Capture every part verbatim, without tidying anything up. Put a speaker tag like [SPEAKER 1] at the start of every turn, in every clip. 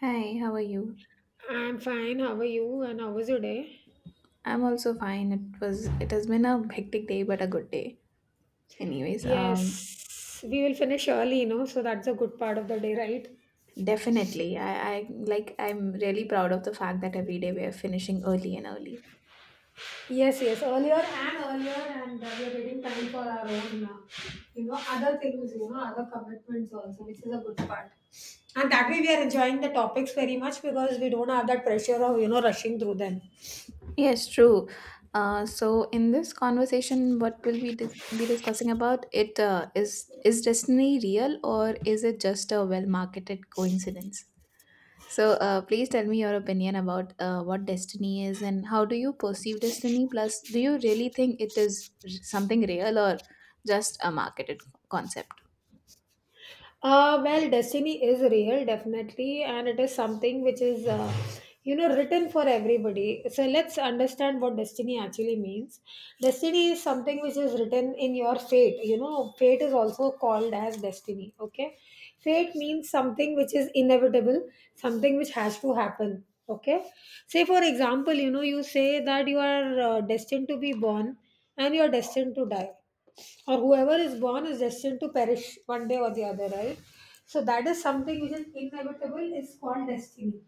[SPEAKER 1] Hi, how are you?
[SPEAKER 2] I'm fine. How are you? And how was your day?
[SPEAKER 1] I'm also fine. It was it has been a hectic day, but a good day. Anyways, um,
[SPEAKER 2] Yes, we will finish early, you know, so that's a good part of the day, right?
[SPEAKER 1] definitely, I, I like I'm really proud of the fact that every day we are finishing early and early.
[SPEAKER 2] Yes, yes, earlier and earlier, and uh, we are getting time for our own, uh, you know, other things, you know, other commitments also, which is a good part. And that way, we are enjoying the topics very much because we don't have that pressure of, you know, rushing through them.
[SPEAKER 1] Yes, true. Uh, so in this conversation, what will we dis- be discussing about? It uh, is is destiny real, or is it just a well marketed coincidence? So, uh, please tell me your opinion about uh, what destiny is and how do you perceive destiny? Plus, do you really think it is r- something real or just a marketed concept?
[SPEAKER 2] Uh, well, destiny is real, definitely, and it is something which is, uh, you know, written for everybody. So let's understand what destiny actually means. Destiny is something which is written in your fate. You know, fate is also called as destiny. Okay, fate means something which is inevitable, something which has to happen. Okay, say for example, you know, you say that you are uh, destined to be born and you are destined to die or whoever is born is destined to perish one day or the other, right? So that is something which is inevitable. It's called destiny.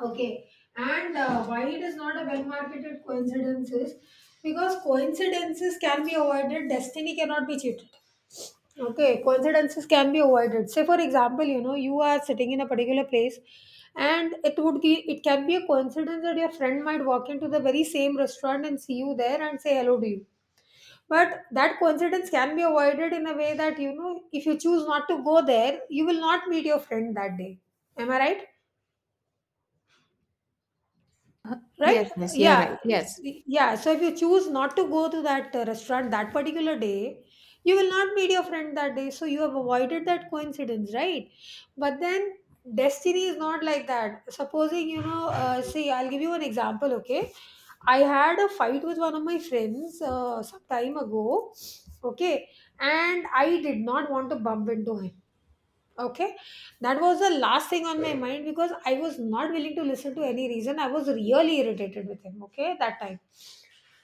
[SPEAKER 2] Okay, and uh, why it is not a well-marketed coincidence is because coincidences can be avoided. Destiny cannot be cheated. Okay, coincidences can be avoided. Say, for example, you know you are sitting in a particular place, and it would be it can be a coincidence that your friend might walk into the very same restaurant and see you there and say hello to you, but that coincidence can be avoided in a way that, you know, if you choose not to go there, you will not meet your friend that day. Am I right? Right?
[SPEAKER 1] Yes, yes, you're
[SPEAKER 2] Yeah.
[SPEAKER 1] right. Yes.
[SPEAKER 2] Yeah. So if you choose not to go to that uh, restaurant that particular day, you will not meet your friend that day. So you have avoided that coincidence, right? But then destiny is not like that. Supposing, you know, uh, see, I'll give you an example, okay? I had a fight with one of my friends uh, some time ago, okay? And I did not want to bump into him. Okay, that was the last thing on my mind because I was not willing to listen to any reason. I was really irritated with him, okay, that time.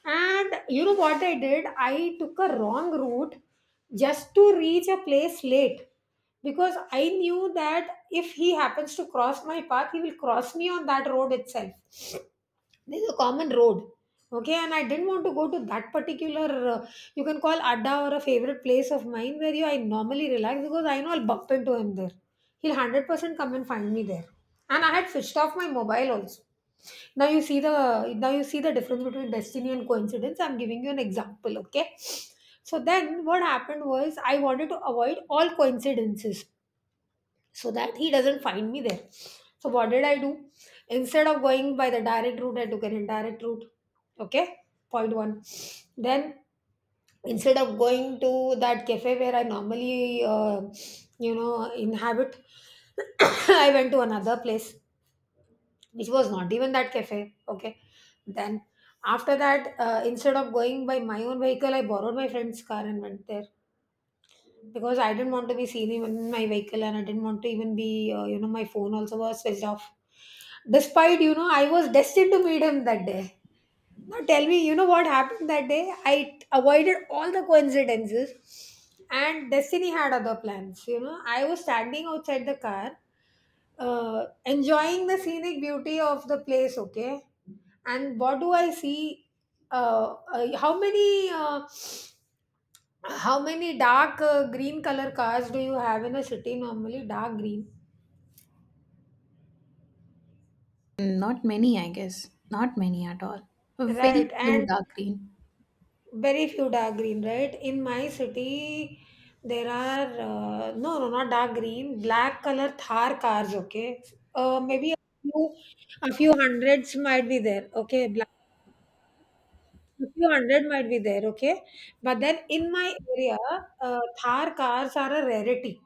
[SPEAKER 2] And you know what I did? I took a wrong route just to reach a place late because I knew that if he happens to cross my path, he will cross me on that road itself. This is a common road. Okay, and I didn't want to go to that particular uh, you can call adda or a favorite place of mine where you I normally relax, because I know I'll bump into him there. He'll hundred percent come and find me there, and I had switched off my mobile also. now you see the now you see the difference between destiny and coincidence. I'm giving you an example, okay? So then what happened was, I wanted to avoid all coincidences so that he doesn't find me there. So what did I do? Instead of going by the direct route, I took an indirect route. Okay, point one. Then instead of going to that cafe where I normally, uh, you know, inhabit, I went to another place which was not even that cafe. Okay, then after that, uh, instead of going by my own vehicle, I borrowed my friend's car and went there because I didn't want to be seen even in my vehicle, and I didn't want to even be, uh, you know, my phone also was switched off. Despite, you know, I was destined to meet him that day. Now tell me, you know what happened that day? I avoided all the coincidences, and destiny had other plans. You know, I was standing outside the car, uh, enjoying the scenic beauty of the place, okay? And what do I see? Uh, uh, how many. Uh, how many dark uh, green color cars do you have in a city normally? Dark green.
[SPEAKER 1] Not many, I guess. Not many at all.
[SPEAKER 2] Right,
[SPEAKER 1] Very few
[SPEAKER 2] and
[SPEAKER 1] dark green.
[SPEAKER 2] very few dark green, right? In my city, there are uh, no, no, not dark green, black color Thar cars, okay? Uh, maybe a few, a few hundreds might be there, okay? Black, a few hundred might be there, okay? But then in my area, uh, Thar cars are a rarity.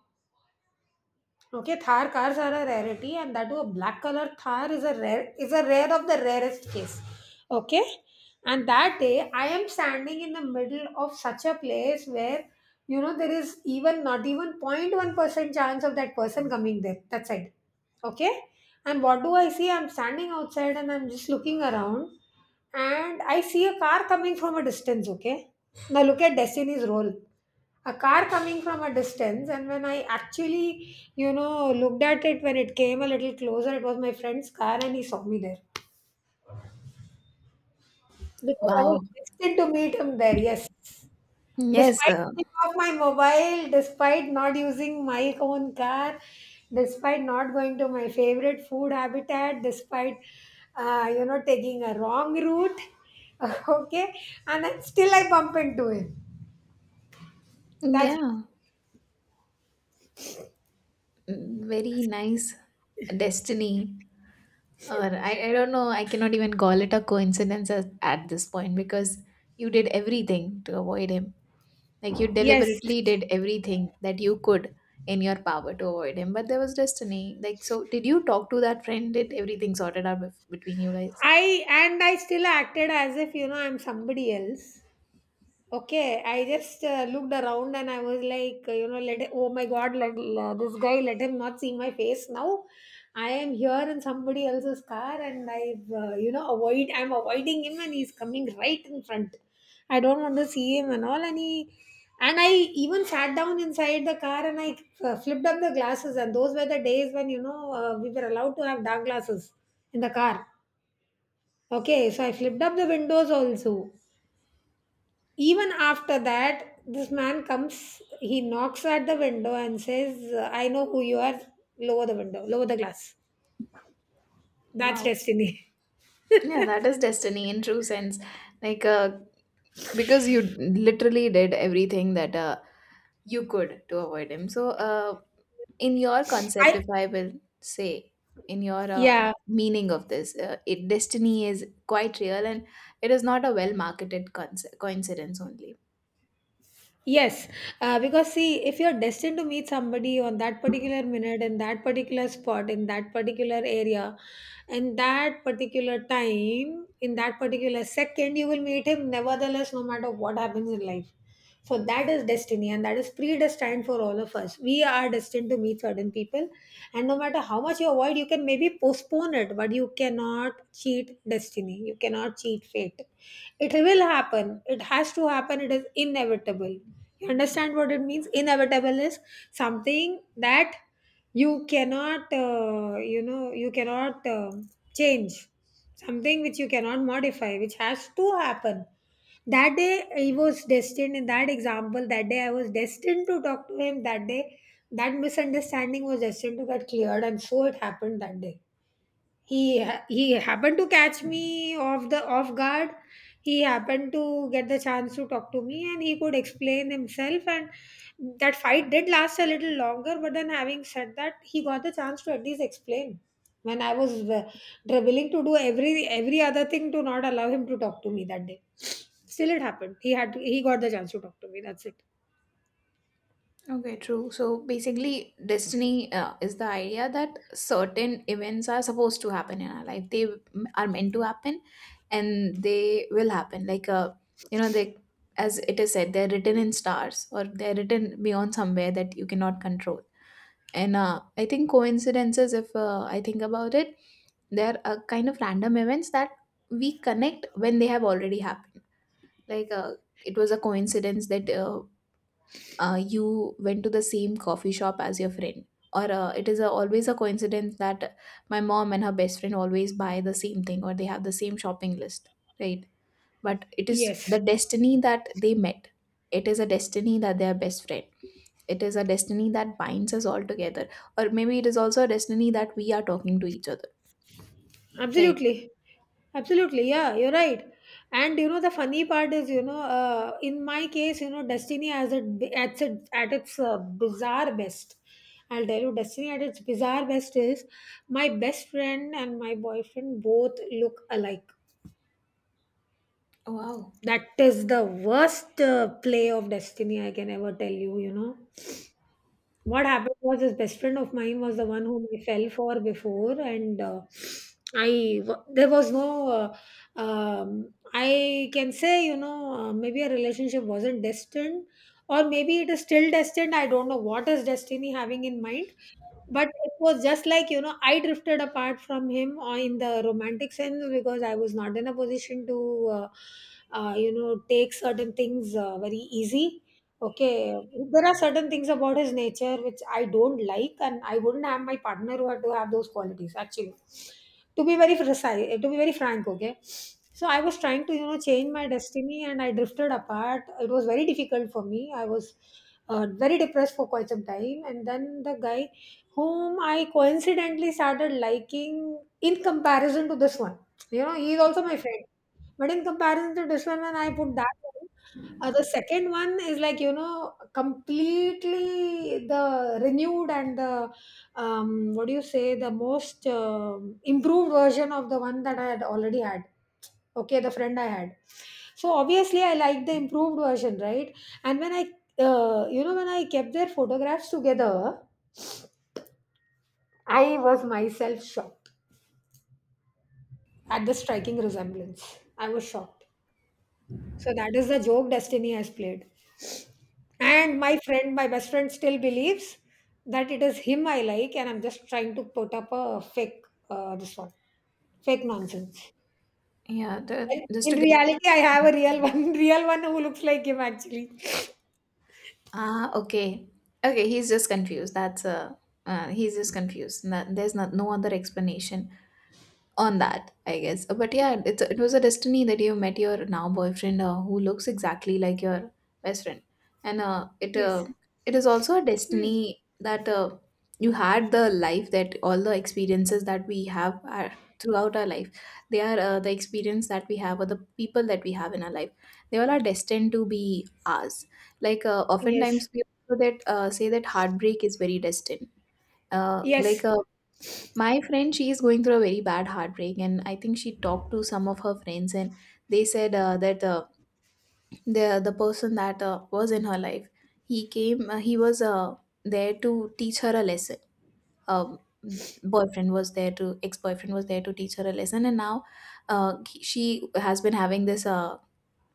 [SPEAKER 2] Okay, Thar cars are a rarity, and that too a black color Thar is a rare is a rare of the rarest case. Okay, and that day I am standing in the middle of such a place where, you know, there is even not even zero point zero point one percent chance of that person coming there. That's it. Okay, and what do I see? I'm standing outside and I'm just looking around, and I see a car coming from a distance. Okay, now look at Destiny's role. A car coming from a distance, and when I actually, you know, looked at it, when it came a little closer, it was my friend's car, and he saw me there because I was
[SPEAKER 1] Wow.
[SPEAKER 2] destined to meet him there. Yes,
[SPEAKER 1] Yes,
[SPEAKER 2] despite
[SPEAKER 1] uh,
[SPEAKER 2] taking off my mobile, despite not using my own car, despite not going to my favorite food habitat, despite, uh, you know, taking a wrong route, okay, and then still I bump into him. That's
[SPEAKER 1] yeah. Mm, very nice destiny. Or I, I don't know, I cannot even call it a coincidence as, at this point, because you did everything to avoid him. Like, you
[SPEAKER 2] yes.
[SPEAKER 1] deliberately did everything that you could in your power to avoid him, but there was destiny. Like, so did you talk to that friend? Did everything sorted out bef- between you guys?
[SPEAKER 2] I and I still acted as if, you know, I'm somebody else. Okay, I just uh, looked around and I was like, uh, you know, let it, oh my god, let uh, this guy, let him not see my face. Now I am here in somebody else's car, and I've, uh, you know avoid I'm avoiding him, and he's coming right in front. I don't want to see him and all. And he and I even sat down inside the car and I uh, flipped up the glasses. And those were the days when, you know, uh, we were allowed to have dark glasses in the car. Okay, so I flipped up the windows also. Even after that, this man comes, he knocks at the window and says, I know who you are. Lower the window, lower the glass. That's
[SPEAKER 1] Wow.
[SPEAKER 2] destiny.
[SPEAKER 1] Yeah, that is destiny in true sense. Like, uh, because you literally did everything that uh, you could to avoid him. So, uh, in your concept,
[SPEAKER 2] I,
[SPEAKER 1] if I will say, in your uh,
[SPEAKER 2] yeah,
[SPEAKER 1] meaning of this uh, it destiny is quite real, and it is not a well marketed conce- coincidence only.
[SPEAKER 2] yes. Uh, because see, if you're destined to meet somebody on that particular minute, in that particular spot, in that particular area, in that particular time, in that particular second, you will meet him nevertheless, no matter what happens in life. So that is destiny, and that is predestined for all of us. We are destined to meet certain people, and no matter how much you avoid, you can maybe postpone it, but you cannot cheat destiny. You cannot cheat fate. It will happen. It has to happen. It is inevitable. You understand what it means? Inevitable is something that you cannot, uh, you know, you cannot um change, something which you cannot modify, which has to happen. That day I was destined, in that example, that day I was destined to talk to him. That day, that misunderstanding was destined to get cleared, and so it happened that day he ha- he happened to catch me off the off guard. He happened to get the chance to talk to me, and he could explain himself. And that fight did last a little longer, but then, having said that, he got the chance to at least explain, when I was uh, willing to do every every other thing to not allow him to talk to me that day. Still it happened, he had he got the chance to talk to me. That's it,
[SPEAKER 1] Okay, true. So basically, destiny uh, is the idea that certain events are supposed to happen in our life, they m- are meant to happen, and they will happen. Like, uh, you know they as it is said, they're written in stars, or they're written beyond somewhere that you cannot control. And uh, I think coincidences, if uh, I think about it, they're a kind of random events that we connect when they have already happened. Like, uh, it was a coincidence that uh, uh, you went to the same coffee shop as your friend. Or uh, it is a, always a coincidence that my mom and her best friend always buy the same thing, or they have the same shopping list, right? But it is
[SPEAKER 2] yes.
[SPEAKER 1] the destiny that they met. It is a destiny that they are best friend, it is a destiny that binds us all together, or maybe it is also a destiny that we are talking to each other, right?
[SPEAKER 2] Absolutely. Absolutely. Yeah, you're right. And you know, the funny part is, you know, uh, in my case, you know, Destiny has it at its, at its uh, bizarre best. I'll tell you, Destiny at its bizarre best is, my best friend and my boyfriend both look alike.
[SPEAKER 1] Wow.
[SPEAKER 2] That is the worst uh, play of Destiny I can ever tell you, you know. What happened was, his best friend of mine was the one whom I fell for before, and uh, I wa- there was no. Uh, um, I can say, you know, uh, maybe a relationship wasn't destined, or maybe it is still destined. I don't know what is destiny having in mind, but it was just like, you know, I drifted apart from him uh, in the romantic sense, because I was not in a position to, uh, uh, you know, take certain things uh, very easy. Okay, there are certain things about his nature which I don't like, and I wouldn't have my partner who had to have those qualities actually. To be very precise, eh, to be very frank, okay. So I was trying to, you know, change my destiny, and I drifted apart. It was very difficult for me. I was uh, very depressed for quite some time, and then the guy whom I coincidentally started liking in comparison to this one. You know, he's also my friend. But in comparison to this one, when I put that one, uh, the second one is like, you know, completely the renewed and the, um, what do you say, the most um improved version of the one that I had already had. Okay, the friend I had. So obviously, I liked the improved version, right? And when I, uh, you know, When I kept their photographs together, I was myself shocked at the striking resemblance. I was shocked. So that is the joke Destiny has played. And my friend, my best friend, still believes that it is him I like, and I'm just trying to put up a fake uh, this one, fake nonsense.
[SPEAKER 1] Yeah, the,
[SPEAKER 2] Well,
[SPEAKER 1] just
[SPEAKER 2] in
[SPEAKER 1] to get,
[SPEAKER 2] reality, I have a real one, real one who looks like him actually.
[SPEAKER 1] ah, okay. Okay, he's just confused, that's a, uh, he's just confused. That- there's not no other explanation on that, I guess. Uh, But yeah, it's a, it was a destiny that you met your now boyfriend, uh, who looks exactly like your best friend, and uh, it
[SPEAKER 2] Yes.
[SPEAKER 1] uh, it is also a
[SPEAKER 2] Hmm.
[SPEAKER 1] destiny that uh, you had the life, that all the experiences that we have are throughout our life. They are uh, the experience that we have, or the people that we have in our life. They all are destined to be ours. Like, uh,
[SPEAKER 2] Yes.
[SPEAKER 1] oftentimes we also that uh, say that heartbreak is very destined. Uh,
[SPEAKER 2] Yes.
[SPEAKER 1] like uh, my friend, she is going through a very bad heartbreak, and I think she talked to some of her friends, and they said uh, that uh, the the person that uh, was in her life, he came, uh, he was uh, there to teach her a lesson. Um, boyfriend was there to ex boyfriend was there to teach her a lesson, and now uh, he- she has been having this, uh,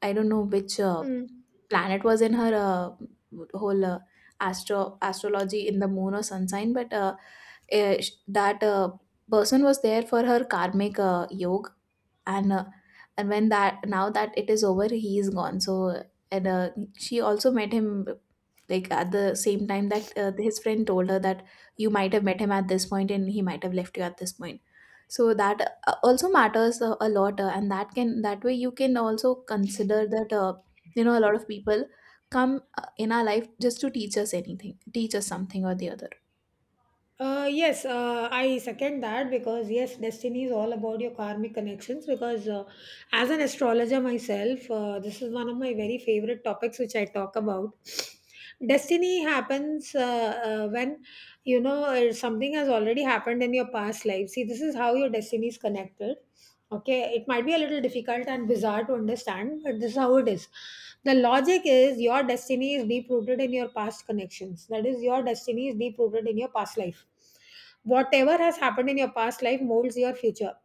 [SPEAKER 1] I don't know which uh,
[SPEAKER 2] Hmm.
[SPEAKER 1] planet was in her uh, whole uh, astro astrology in the moon or sun sign, but uh, uh, sh- that uh, person was there for her karmic uh, yoga, and uh, and when that now that it is over, he is gone. So and uh, She also met him, like, at the same time that uh, his friend told her that you might have met him at this point, and he might have left you at this point, so that uh, also matters a, a lot. Uh, and that, can that way you can also consider that uh, you know a lot of people come uh, in our life just to teach us anything, teach us something or the other.
[SPEAKER 2] Uh, yes, uh, I second that because yes, destiny is all about your karmic connections. Because uh, As an astrologer myself, uh, this is one of my very favorite topics which I talk about. Destiny happens uh, uh, when you know uh, something has already happened in your past life. See, this is how your destiny is connected. Okay, it might be a little difficult and bizarre to understand, but this is how it is. The logic is your destiny is deep rooted in your past connections. That is, your destiny is deep rooted in your past life. Whatever has happened in your past life molds your future.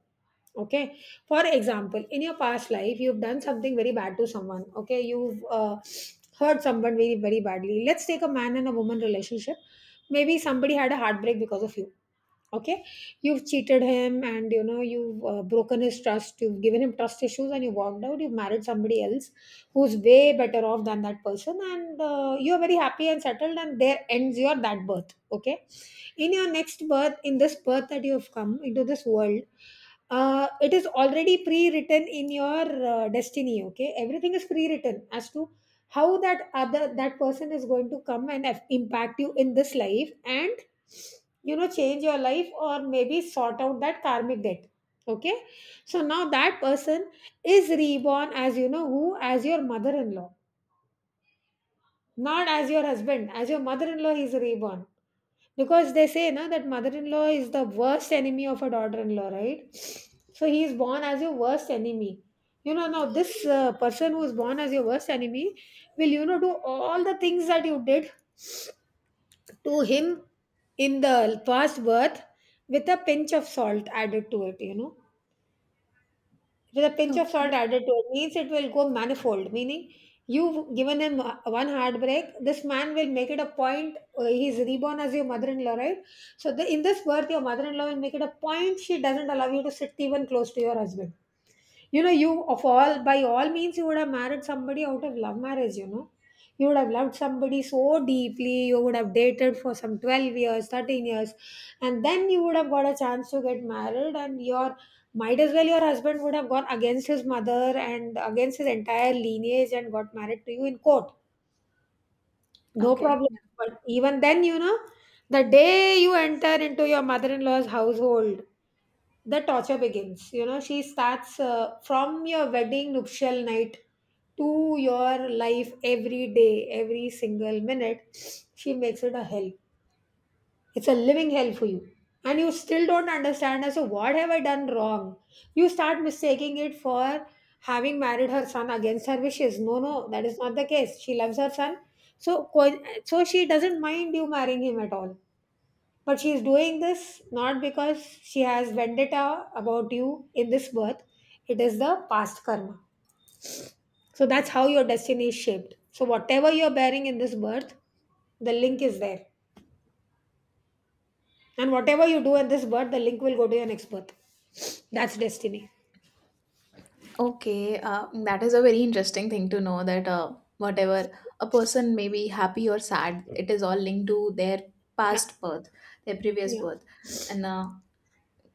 [SPEAKER 2] Okay, for example, in your past life, you've done something very bad to someone. Okay, you've uh, hurt someone very, very badly. Let's take a man and a woman relationship. Maybe somebody had a heartbreak because of you. Okay, you've cheated him, and you know you've uh, broken his trust, you've given him trust issues, and you walked out. You've married somebody else who's way better off than that person, and uh, you're very happy and settled, and there ends your that birth. Okay, in your next birth, in this birth that you've come into this world, uh, it is already pre-written in your uh, destiny. Okay, everything is pre-written as to how that other that person is going to come and af- impact you in this life, and you know change your life, or maybe sort out that karmic debt. Okay, so now that person is reborn as, you know who, as your mother-in-law. Not as your husband, as your mother-in-law he is reborn. Because they say na that mother-in-law is the worst enemy of a daughter-in-law, right? So he is born as your worst enemy. You know, now this uh, person who is born as your worst enemy will, you know, do all the things that you did to him in the past birth, with a pinch of salt added to it, you know. With a pinch of salt
[SPEAKER 1] Okay.
[SPEAKER 2] added to it means it will go manifold, meaning you've given him uh, one heartbreak. This man will make it a point. Uh, he's reborn as your mother in law, right? So, the, in this birth, your mother in law will make it a point. She doesn't allow you to sit even close to your husband. You know, you of all by all means you would have married somebody out of love marriage, you know. You would have loved somebody so deeply, you would have dated for some twelve years, thirteen years, and then you would have got a chance to get married, and your might as well your husband would have gone against his mother and against his entire lineage and got married to you in court. No
[SPEAKER 1] Okay.
[SPEAKER 2] problem. But even then, you know, the day you enter into your mother in law's household, the torture begins. You know, she starts uh, from your wedding nuptial night to your life, every day, every single minute, she makes it a hell. It's a living hell for you, and you still don't understand as to what have I done wrong. You start mistaking it for having married her son against her wishes. No, no, that is not the case. She loves her son. So co- so she doesn't mind you marrying him at all. But she is doing this not because she has vendetta about you in this birth, it is the past karma. So that's how your destiny is shaped. So whatever you're bearing in this birth, the link is there. And whatever you do in this birth, the link will go to your next birth. That's destiny.
[SPEAKER 1] Okay, uh, that is a very interesting thing to know, that uh, whatever, a person may be happy or sad, it is all linked to their
[SPEAKER 2] Yeah.
[SPEAKER 1] past birth, their previous
[SPEAKER 2] Yeah.
[SPEAKER 1] birth. And uh,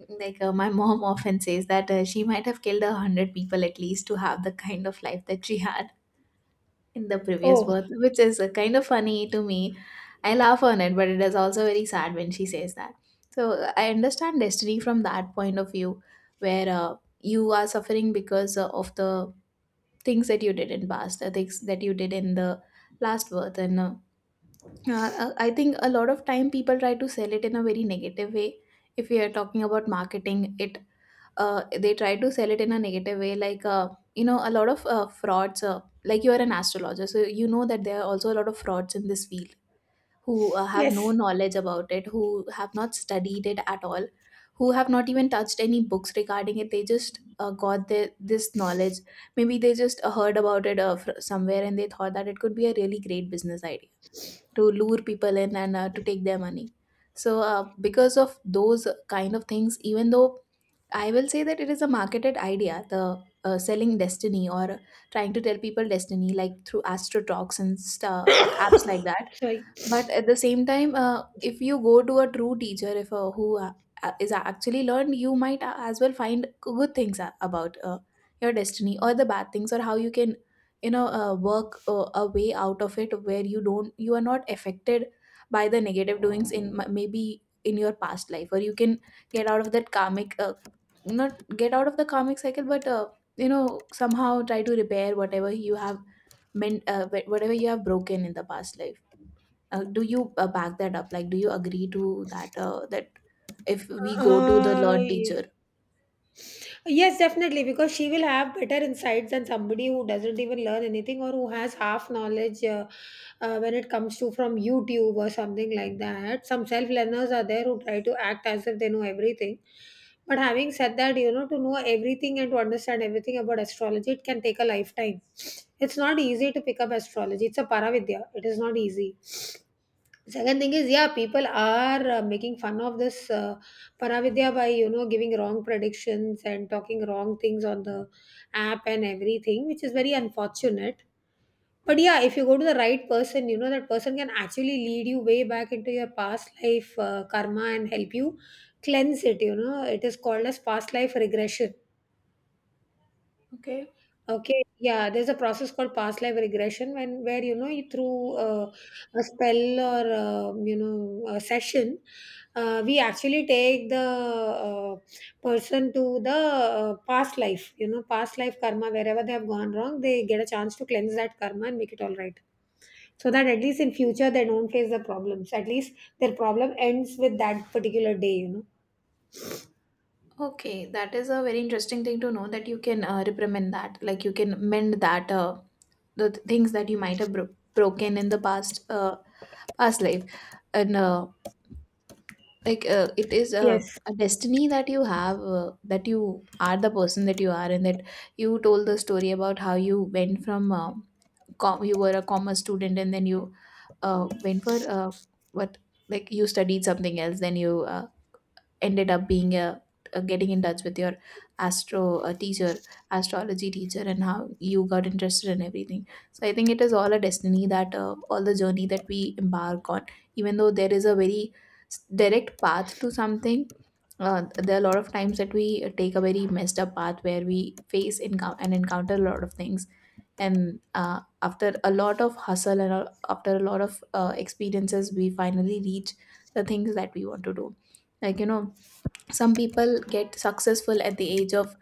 [SPEAKER 1] like uh, my mom often says that uh, she might have killed a hundred people at least to have the kind of life that she had in the previous
[SPEAKER 2] Oh,
[SPEAKER 1] birth, which is, uh, kind of funny to me. I laugh on it, but it is also very sad when she says that. So, uh, I understand destiny from that point of view, where uh, you are suffering because uh, of the things that you did in past, the things that you did in the last birth. And uh, uh, i think a lot of time people try to sell it in a very negative way, if we are talking about marketing it. Uh, they try to sell it in a negative way, like, uh, you know a lot of uh, frauds, uh, like, you are an astrologer, so you know that there are also a lot of frauds in this field, who uh, have no
[SPEAKER 2] yes.
[SPEAKER 1] knowledge about it, who have not studied it at all, who have not even touched any books regarding it. They just uh, got the, this knowledge. Maybe they just uh, heard about it uh, fr- somewhere, and they thought that it could be a really great business idea to lure people in, and uh, to take their money. So, uh, because of those kind of things, even though I will say that it is a marketed idea, the, uh, selling destiny, or trying to tell people destiny, like through Astro Talks and stu apps like that.
[SPEAKER 2] Sorry.
[SPEAKER 1] But at the same time, uh, if you go to a true teacher, if uh, who uh, is actually learned, you might a- as well find good things a- about uh, your destiny, or the bad things, or how you can, you know uh, work uh, a way out of it, where you don't, you are not affected by the negative doings in, m- maybe in your past life, or you can get out of that karmic, uh, not get out of the karmic cycle, but, uh, you know somehow try to repair whatever you have meant, uh, whatever you have broken in the past life. Uh, do you uh, back that up? Like, do you agree to that? Uh, that if we go to the
[SPEAKER 2] Uh,
[SPEAKER 1] learned teacher.
[SPEAKER 2] Yes, definitely, because she will have better insights than somebody who doesn't even learn anything or who has half knowledge, uh, uh, when it comes to from YouTube or something like that. Some self learners are there who try to act as if they know everything. But having said that, you know, to know everything and to understand everything about astrology, it can take a lifetime. It's not easy to pick up astrology, it's a paravidya, it is not easy. Second thing is, yeah, people are uh, making fun of this uh, Paravidya by, you know, giving wrong predictions and talking wrong things on the app and everything, which is very unfortunate. But yeah, if you go to the right person, you know, that person can actually lead you way back into your past life uh, karma and help you cleanse it. You know, it is called as past life regression.
[SPEAKER 1] Okay.
[SPEAKER 2] Okay, yeah, there's a process called past life regression when where you know you through uh, a spell or um, you know a session, uh, we actually take the uh, person to the uh, past life, you know, past life karma wherever they have gone wrong, they get a chance to cleanse that karma and make it all right, so that at least in future they don't face the problems. At least their problem ends with that particular day, you know.
[SPEAKER 1] Okay, that is a very interesting thing to know, that you can, uh, reprimand that, like you can mend that, uh, the th- things that you might have bro- broken in the past, uh, past life, and uh, like uh, it is a,
[SPEAKER 2] Yes.
[SPEAKER 1] a destiny that you have, uh, that you are the person that you are, and that you told the story about how you went from, uh, com- you were a commerce student, and then you uh, went for, uh, what like you studied something else, then you uh, ended up being a, uh, getting in touch with your astro uh, teacher astrology teacher, and how you got interested in everything. So I think it is all a destiny, that uh, all the journey that we embark on, even though there is a very s- direct path to something, uh, there are a lot of times that we take a very messed up path, where we face encou- and encounter a lot of things, and uh, after a lot of hustle, and a- after a lot of uh, experiences, we finally reach the things that we want to do. Like, you know, some people get successful at the age of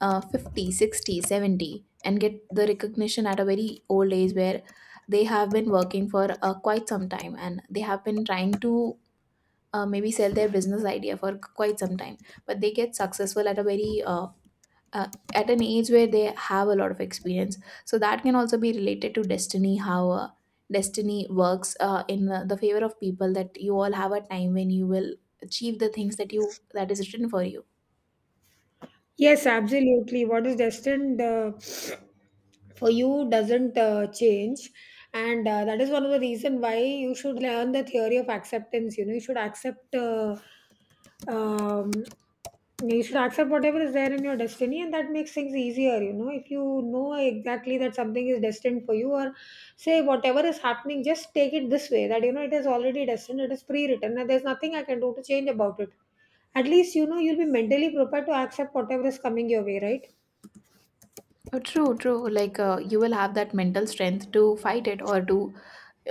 [SPEAKER 1] uh, fifty sixty, seventy, and get the recognition at a very old age, where they have been working for uh, quite some time, and they have been trying to uh, maybe sell their business idea for quite some time, but they get successful at a very uh, uh, at an age where they have a lot of experience. So that can also be related to destiny, how uh, destiny works uh, in uh, the favor of people, that you all have a time when you will achieve the things that you that is written for you.
[SPEAKER 2] Yes, absolutely. What is destined uh, for you doesn't uh, change, and uh, that is one of the reason why you should learn the theory of acceptance. You know, you should accept. Uh, um, you should accept whatever is there in your destiny, and that makes things easier. You know, if you know exactly that something is destined for you, or say whatever is happening, just take it this way, that you know it is already destined, it is pre written, and there's nothing I can do to change about it. At least you know you'll be mentally prepared to accept whatever is coming your way, right?
[SPEAKER 1] Oh, true, true. Like, uh, you will have that mental strength to fight it, or to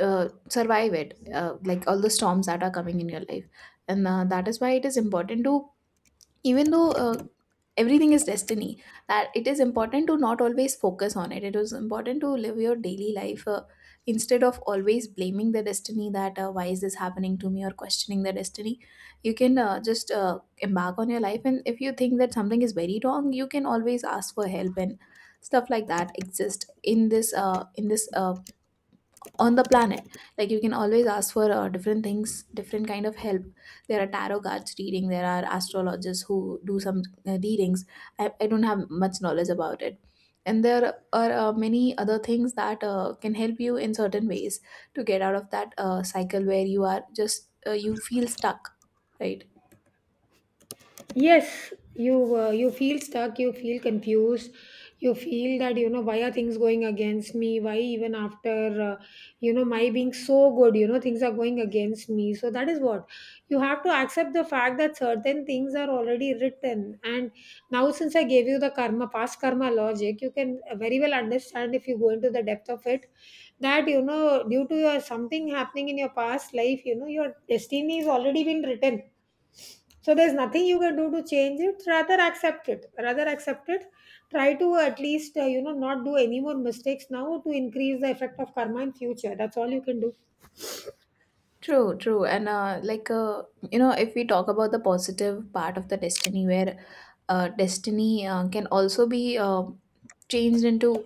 [SPEAKER 1] uh, survive it, uh, like all the storms that are coming in your life. And uh, that is why it is important to, even though uh, everything is destiny, that it is important to not always focus on it. It is important to live your daily life, uh, instead of always blaming the destiny, that uh, why is this happening to me, or questioning the destiny. You can uh, just uh, embark on your life, and if you think that something is very wrong, you can always ask for help, and stuff like that exist in this uh, in this uh, on the planet. Like, you can always ask for uh, different things, different kind of help. There are tarot cards reading, there are astrologers who do some uh, readings. I, I don't have much knowledge about it. And there are uh, many other things that uh, can help you in certain ways to get out of that uh, cycle where you are just uh, you feel stuck, right?
[SPEAKER 2] Yes, you uh, you feel stuck, you feel confused. You feel that, you know, why are things going against me, why even after, uh, you know, my being so good, you know, things are going against me. So that is what, you have to accept the fact that certain things are already written, and now since I gave you the karma past karma logic, you can very well understand if you go into the depth of it, that you know due to your something happening in your past life, you know your destiny is already been written. So there's nothing you can do to change it. Rather accept it. Rather accept it. Try to at least, uh, you know, not do any more mistakes now, to increase the effect of karma in future. That's all you can do.
[SPEAKER 1] True, true. And uh, like, uh, you know, if we talk about the positive part of the destiny where uh, destiny uh, can also be uh, changed into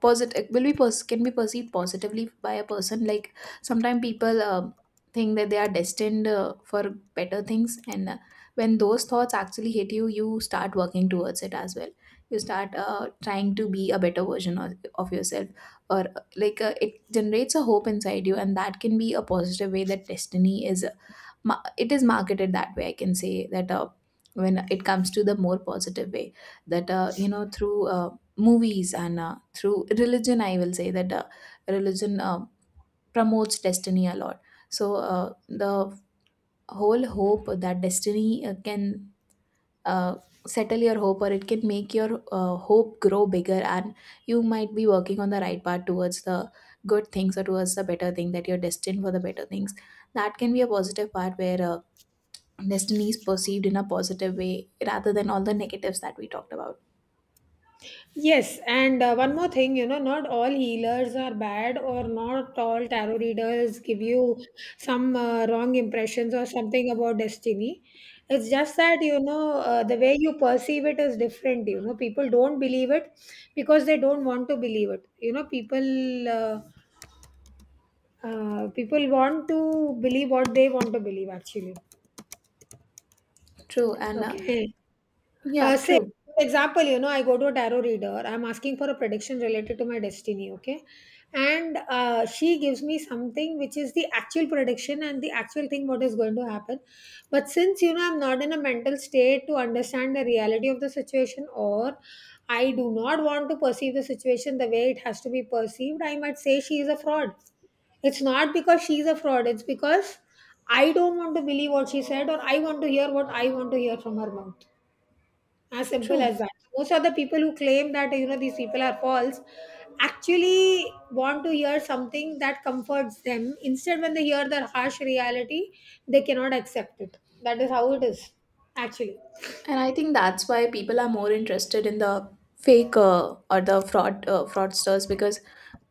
[SPEAKER 1] positive, will be pers- can be perceived positively by a person. Like, sometimes people uh, think that they are destined uh, for better things, and uh, when those thoughts actually hit you, you start working towards it as well. You start uh, trying to be a better version of, of yourself. Or uh, like, uh, it generates a hope inside you, and that can be a positive way that destiny is uh, ma- it is marketed that way, I can say that. Uh, when it comes to the more positive way, that uh, you know, through uh, movies, and uh, through religion, I will say that uh, religion uh, promotes destiny a lot. So uh, the whole hope that destiny uh, can uh, settle your hope, or it can make your uh, hope grow bigger, and you might be working on the right path towards the good things, or towards the better thing, that you're destined for the better things. That can be a positive part where uh, destiny is perceived in a positive way rather than all the negatives that we talked about.
[SPEAKER 2] Yes, and uh, one more thing, you know, not all healers are bad, or not all tarot readers give you some uh, wrong impressions or something about destiny. It's just that, you know, uh, the way you perceive it is different. You know, people don't believe it because they don't want to believe it. You know, people uh, Uh, people want to believe what they want to believe, actually.
[SPEAKER 1] True. And uh,
[SPEAKER 2] Okay.
[SPEAKER 1] yeah,
[SPEAKER 2] Uh, say,
[SPEAKER 1] true.
[SPEAKER 2] for example, you know, I go to a tarot reader. I'm asking for a prediction related to my destiny, okay? And uh, she gives me something which is the actual prediction and the actual thing what is going to happen. But since, you know, I'm not in a mental state to understand the reality of the situation, or I do not want to perceive the situation the way it has to be perceived, I might say she is a fraud. It's not because she's a fraud, it's because I don't want to believe what she said, or I want to hear what I want to hear from her mouth, as simple
[SPEAKER 1] True.
[SPEAKER 2] as that. So most of the people who claim that you know these people are false actually want to hear something that comforts them. Instead, when they hear their harsh reality, they cannot accept it. That is how it is, actually.
[SPEAKER 1] And I think that's why people are more interested in the fake uh, or the fraud uh, fraudsters, because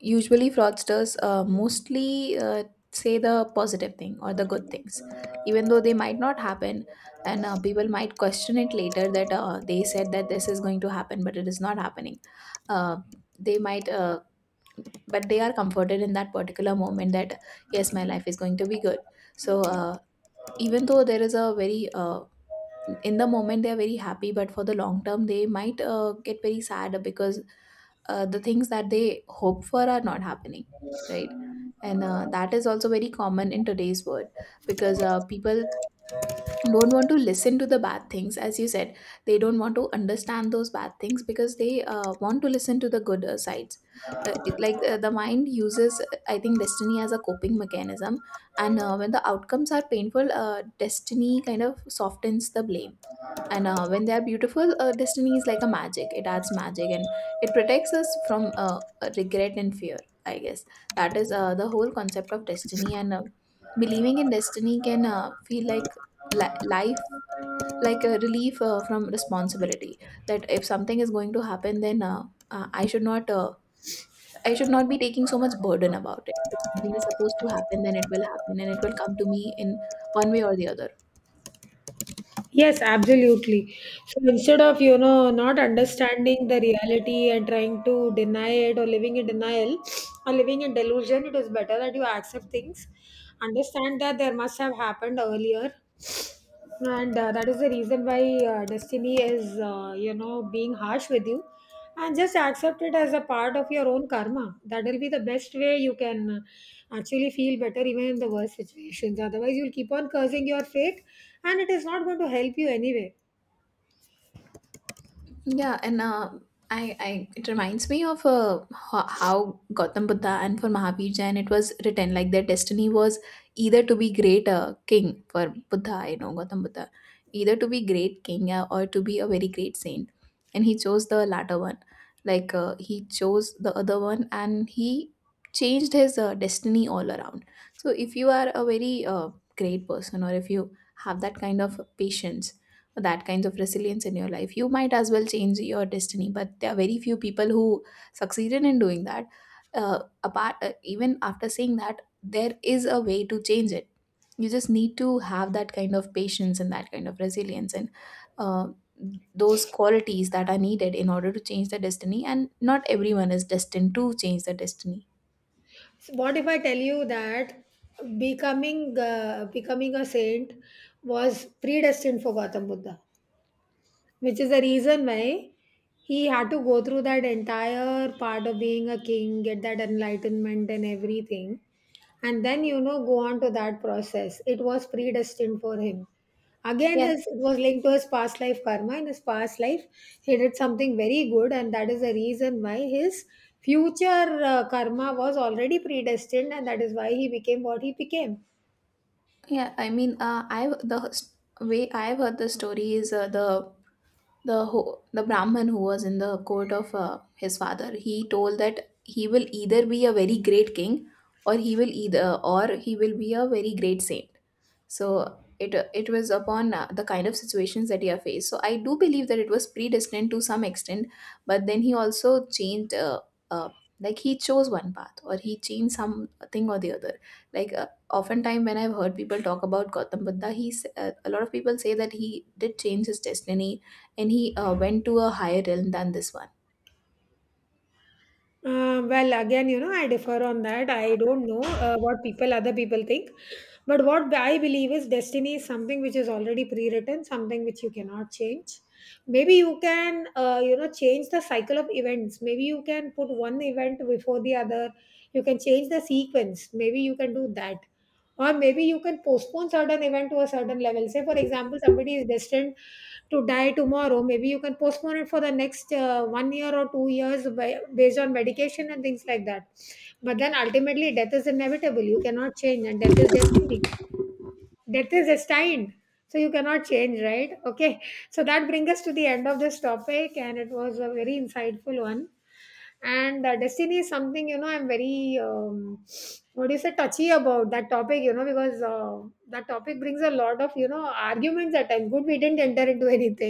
[SPEAKER 1] usually fraudsters uh, mostly uh, say the positive thing or the good things, even though they might not happen. And uh, people might question it later that uh, they said that this is going to happen but it is not happening. uh, they might uh, but they are comforted in that particular moment that yes, my life is going to be good. So uh, even though there is a very uh, in the moment they are very happy, but for the long term they might uh, get very sad, because uh, the things that they hope for are not happening, right? And uh, that is also very common in today's world, because uh, people don't want to listen to the bad things, as you said. They don't want to understand those bad things because they uh, want to listen to the good uh, sides. uh, it, like, uh, the mind uses, uh, I think, destiny as a coping mechanism. And uh, when the outcomes are painful, uh, destiny kind of softens the blame. And uh, when they are beautiful, uh, destiny is like a magic, it adds magic, and it protects us from uh, regret and fear, I guess. That is uh, the whole concept of destiny. And uh, believing in destiny can uh, feel like li- life, like a relief uh, from responsibility, that if something is going to happen, then uh, uh, I should not uh, I should not be taking so much burden about it. If something is supposed to happen, then it will happen and it will come to me in one way or the other.
[SPEAKER 2] Yes, absolutely. So instead of, you know, not understanding the reality and trying to deny it, or living in denial or living in delusion, it is better that you accept things, understand that there must have happened earlier. And uh, that is the reason why uh, destiny is, uh, you know, being harsh with you. And just accept it as a part of your own karma. That will be the best way you can uh, actually feel better even in the worst situations. Otherwise, you'll keep on cursing your fate, and it is not going to help you anyway.
[SPEAKER 1] Yeah, and uh, I, I it reminds me of uh, ho- how Gautam Buddha, and for Mahavir Jain, it was written, like their destiny was either to be great uh, king, for Buddha, you know, Gautam Buddha, either to be great king uh, or to be a very great saint, and he chose the latter one. Like uh, he chose the other one, and he changed his uh, destiny all around. So if you are a very uh, great person, or if you have that kind of patience, for that kinds of resilience in your life, you might as well change your destiny. But there are very few people who succeeded in doing that. Uh, apart uh, Even after saying that there is a way to change it, you just need to have that kind of patience and that kind of resilience, and uh, those qualities that are needed in order to change the destiny. And not everyone is destined to change the destiny.
[SPEAKER 2] So what if I tell you that becoming uh, becoming a saint was predestined for Gautam Buddha, which is the reason why he had to go through that entire part of being a king, get that enlightenment and everything, and then you know go on to that process. It was predestined for him. Again,
[SPEAKER 1] Yeah.
[SPEAKER 2] his it was linked to his past life karma. In his past life, he did something very good, and that is the reason why his future uh, karma was already predestined, and that is why he became what he became.
[SPEAKER 1] Yeah, I mean, uh, i the s- way I've heard the story is, uh, the the ho- the brahman who was in the court of uh, his father, he told that he will either be a very great king, or he will either, or he will be a very great saint. So it it was upon uh, the kind of situations that he have faced, so I do believe that it was predestined to some extent. But then he also changed, uh, uh, like he chose one path, or he changed something or the other. Like uh, oftentimes when I've heard people talk about Gautam Buddha, he's uh, a lot of people say that he did change his destiny, and he uh, went to a higher realm than this one.
[SPEAKER 2] Uh, well, again, you know, I differ on that. I don't know uh, what people, other people think. But what I believe is destiny is something which is already pre written, something which you cannot change. Maybe you can, uh, you know, change the cycle of events. Maybe you can put one event before the other. You can change the sequence. Maybe you can do that. Or maybe you can postpone certain event to a certain level. Say, for example, somebody is destined to die tomorrow. Maybe you can postpone it for the next uh, one year or two years by, based on medication and things like that. But then ultimately, death is inevitable. You cannot change, and death is destiny, death is destined, so you cannot change, right? Okay, so that brings us to the end of this topic, and it was a very insightful one. And uh, destiny is something, you know, I'm very um, what do you say touchy about that topic, you know, because uh, that topic brings a lot of you know arguments at times. Good, we didn't enter into anything.